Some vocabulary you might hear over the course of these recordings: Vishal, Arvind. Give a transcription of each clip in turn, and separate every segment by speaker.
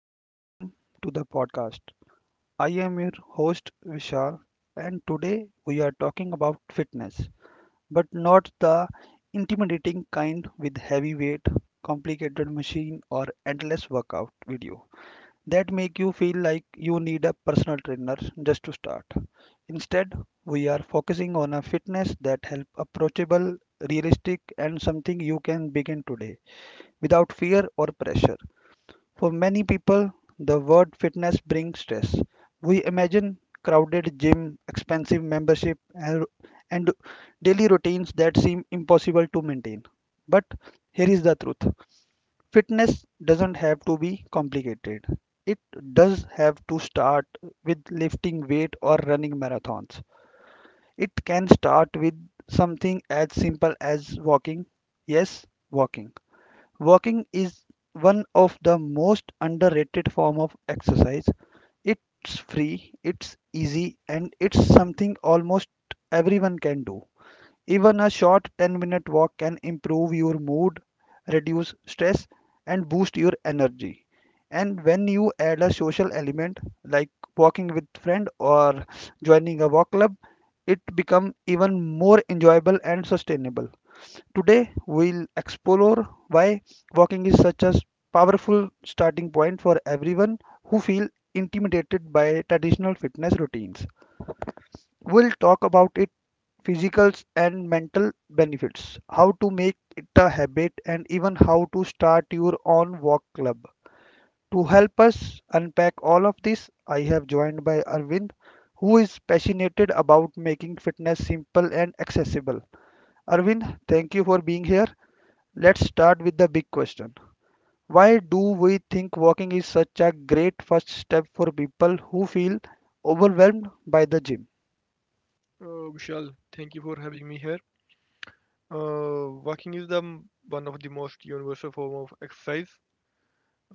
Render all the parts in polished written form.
Speaker 1: and welcome to the podcast. I am your host Vishal, and today we are talking about fitness, but not the intimidating kind with heavy weight, complicated machine, or endless workout video that make you feel like you need a personal trainer just to start. Instead, we are focusing on a fitness that help approachable, realistic, and something you can begin today without fear or pressure. For many people, the word fitness brings stress. We imagine crowded gym, expensive membership, and daily routines that seem impossible to maintain. But here is the truth. Fitness doesn't have to be complicated. It does have to start with lifting weight or running marathons. It can start with something as simple as walking. Yes, walking. Walking is one of the most underrated form of exercise. It's free, it's easy and it's something almost everyone can do. Even a short 10-minute walk can improve your mood, reduce stress and boost your energy. And when you add a social element like walking with friend or joining a walk club, it become even more enjoyable and sustainable. Today, we'll explore why walking is such a powerful starting point for everyone who feel intimidated by traditional fitness routines. We'll talk about its physical and mental benefits, how to make it a habit, and even how to start your own walk club. To help us unpack all of this, I have joined by Arvind, who is passionate about making fitness simple and accessible. Arvind, thank you for being here. Let's start with the big question. Why do we think walking is such a great first step for people who feel overwhelmed by the gym?
Speaker 2: Vishal, thank you for having me here. Walking is one of the most universal form of exercise,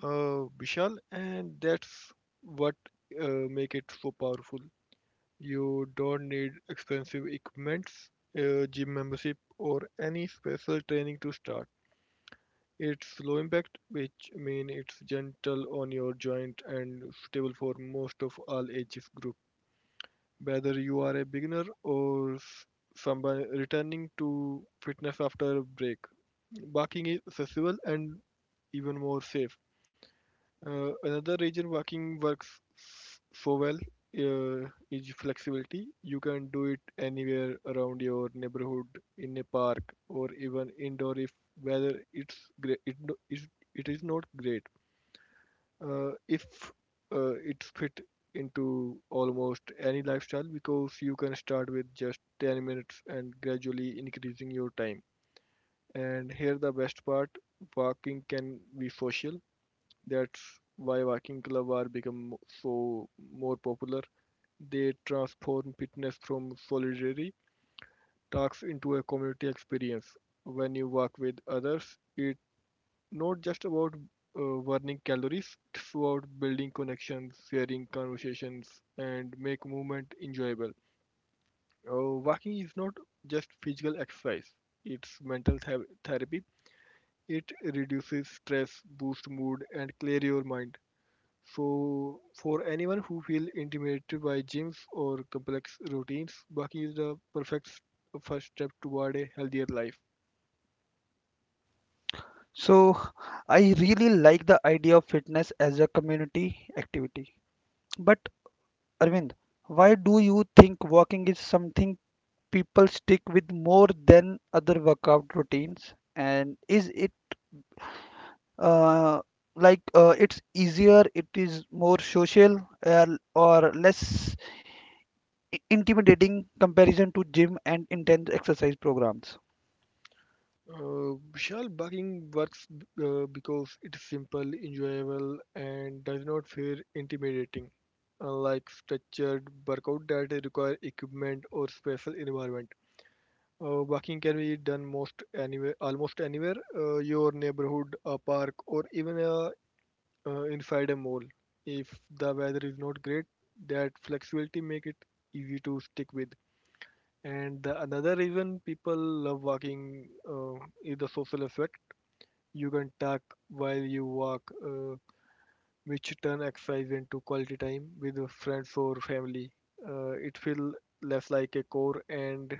Speaker 2: Vishal, and that's what make it so powerful. You don't need expensive equipments, gym membership, or any special training to start. It's low impact, which mean it's gentle on your joint and suitable for most of all ages group. Whether you are a beginner or someone returning to fitness after a break. Walking is accessible and even more safe. Another reason walking works so well is flexibility. You can do it anywhere around your neighborhood, in a park, or even indoor if weather it's great. It is not great if it fit into almost any lifestyle because you can start with just 10 minutes and gradually increasing your time, and here the best part: walking can be social. That's why walking club are become so more popular. They transform fitness from solitary tasks into a community experience. When you walk with others, it not just about burning calories, it's about building connections, sharing conversations, and make movement enjoyable. Walking is not just physical exercise; it's mental therapy. It reduces stress, boosts mood, and clear your mind. So, for anyone who feels intimidated by gyms or complex routines, walking is the perfect first step toward a healthier life.
Speaker 1: So, I really like the idea of fitness as a community activity. But, Arvind, why do you think walking is something people stick with more than other workout routines? And is it uh, it's easier, it is more social, uh, or less intimidating comparison to gym and intense exercise programs.
Speaker 2: Vishal, bugging works because it's simple, enjoyable, and does not feel intimidating, unlike structured workout that require equipment or special environment. Walking can be done almost anywhere, your neighborhood, a park, or even inside a mall. If the weather is not great, that flexibility make it easy to stick with. And the another reason people love walking is the social aspect. You can talk while you walk, which turn exercise into quality time with friends or family. It feels less like a chore and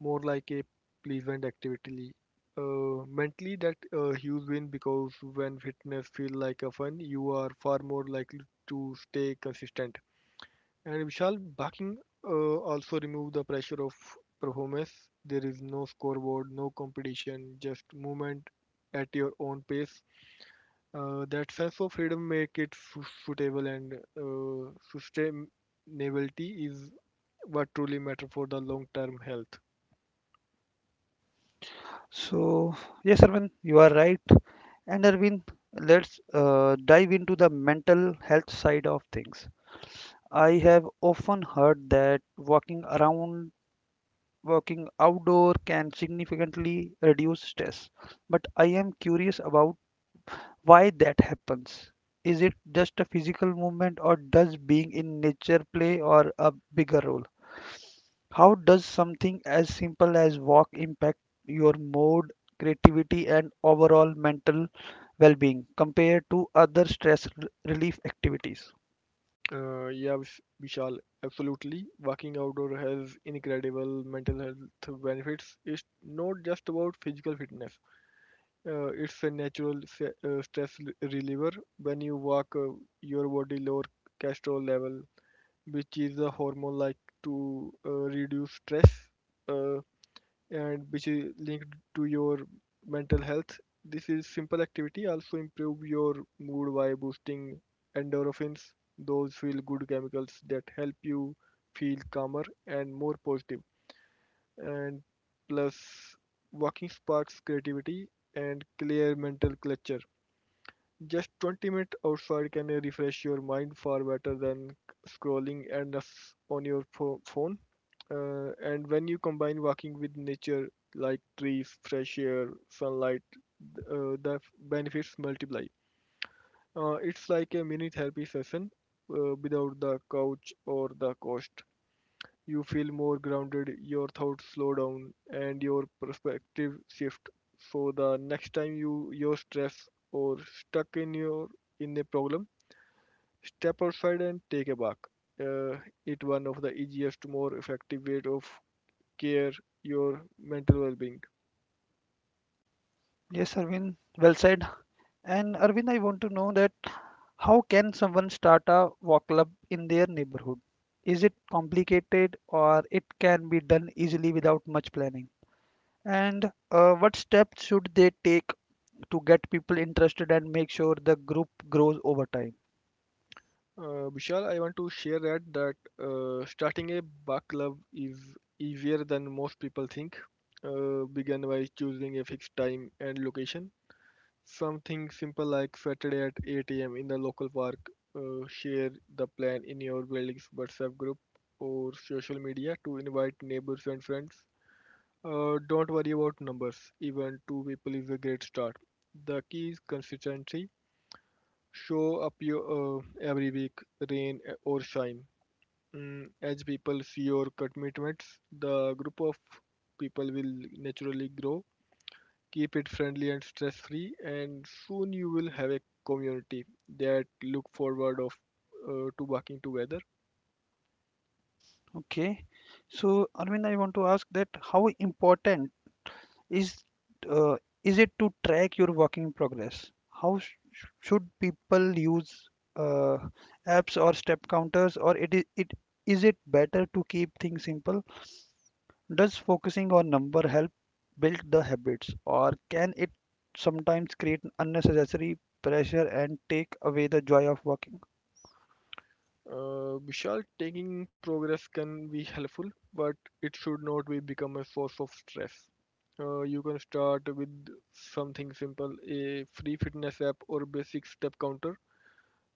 Speaker 2: more like a pleasant activity. Mentally, that huge win because when fitness feels like a fun, you are far more likely to stay consistent. And Vishal, backing also remove the pressure of performance. There is no scoreboard, no competition, just movement at your own pace. That sense of freedom make it suitable and sustainability is what truly matter for the long-term health.
Speaker 1: So, yes, Arvind, you are right. And Arvind, let's dive into the mental health side of things. I have often heard that walking outdoor can significantly reduce stress. But I am curious about why that happens. Is it just a physical movement, or does being in nature play or a bigger role? How does something as simple as walk impact your mood, creativity, and overall mental well being compared to other stress relief activities?
Speaker 2: Yeah, Vishal, absolutely. Walking outdoor has incredible mental health benefits. It's not just about physical fitness. It's a natural stress reliever. When you walk, your body lower cortisol level, which is a hormone like to reduce stress. Uh, and which is linked to your mental health. This is simple activity also improve your mood by boosting endorphins, those feel good chemicals that help you feel calmer and more positive. And plus, walking sparks creativity and clear mental clutter. Just 20 minutes outside can refresh your mind far better than scrolling endless on your phone. And when you combine walking with nature, like trees, fresh air, sunlight, the benefits multiply. It's like a mini therapy session without the couch or the cost. You feel more grounded, your thoughts slow down, and your perspective shift. So the next time you're stressed or stuck in your in a problem, step outside and take a walk. Uh, it's one of the easiest, more effective way of care your mental well-being.
Speaker 1: Yes, Arvind, well said. And Arvind, I want to know that how can someone start a walk club in their neighborhood? Is it complicated or it can be done easily without much planning? And what steps should they take to get people interested and make sure the group grows over time?
Speaker 2: Bishal, I want to share that starting a bug club is easier than most people think. Begin by choosing a fixed time and location. Something simple like Saturday at 8 a.m. in the local park. Share the plan in your building's WhatsApp group or social media to invite neighbors and friends. Don't worry about numbers. Even two people is a great start. The key is consistency. Show up your, every week, rain or shine. Mm, as people see your commitments, the group of people will naturally grow. Keep it friendly and stress free, and soon you will have a community that look forward of to working together.
Speaker 1: Okay. So, Arvind, I want to ask that how important is uh, is it to track your work in progress? How sh should people use uh, apps or step counters, or it is it is it better to keep things simple? Does focusing on number help build the habits, or can it sometimes create unnecessary pressure and take away the joy of working?
Speaker 2: Vishal, taking progress can be helpful, but it should not be become a source of stress. You can start with something simple, a free fitness app or basic step counter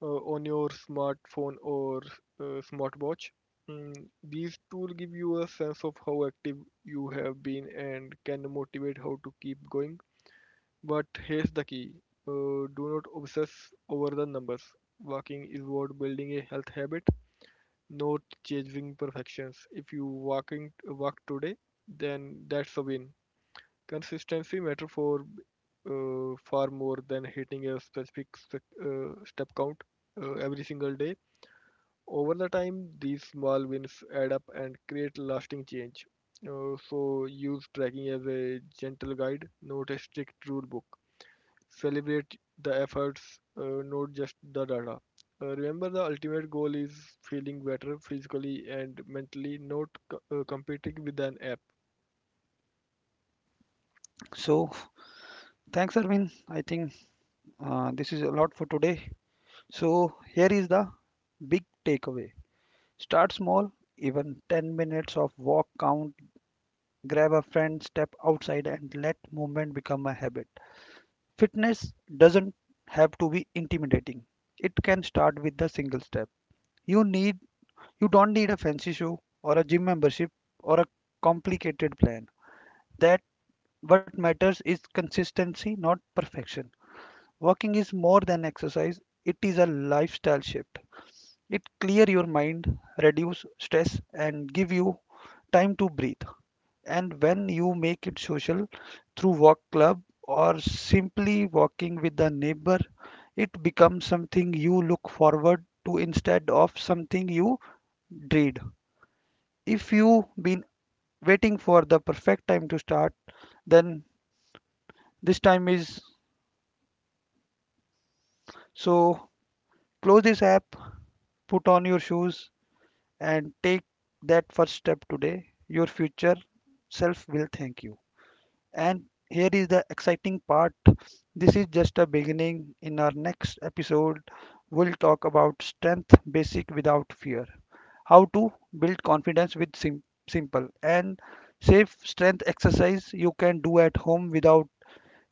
Speaker 2: uh, on your smartphone or smartwatch. Mm, these tools give you a sense of how active you have been and can motivate how to keep going. But here's the key: do not obsess over the numbers. Walking is about building a health habit, not chasing perfections. If you walk today, then that's a win. Consistency matter for far more than hitting a specific step count every single day. Over the time, these small wins add up and create lasting change. So use tracking as a gentle guide, not a strict rule book. Celebrate the efforts, not just the data. Remember, the ultimate goal is feeling better physically and mentally, not competing with an app.
Speaker 1: So, thanks, Arvind. I think this is a lot for today. So here is the big takeaway. Start small, even 10 minutes of walk count, grab a friend, step outside and let movement become a habit. Fitness doesn't have to be intimidating. It can start with the single step. You need you don't need a fancy shoe or a gym membership or a complicated plan. That what matters is consistency, not perfection. Walking is more than exercise, it is a lifestyle shift. It clear your mind, reduce stress and give you time to breathe. And when you make it social through walk club or simply walking with the neighbor, it becomes something you look forward to instead of something you dread. If you have been waiting for the perfect time to start, then this time is so close this app, put on your shoes and take that first step today. Your future self will thank you. And here is the exciting part this is just a beginning. In our next episode, we'll talk about strength basic without fear, how to build confidence with simple and safe strength exercise you can do at home without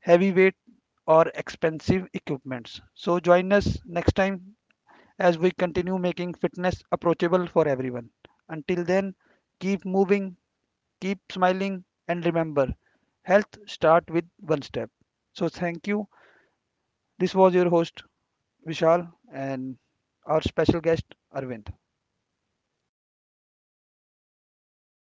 Speaker 1: heavy weight or expensive equipments. So join us next time as we continue making fitness approachable for everyone. Until then, keep moving, keep smiling, and remember, health starts with one step. So thank you. This was your host Vishal and our special guest Arvind.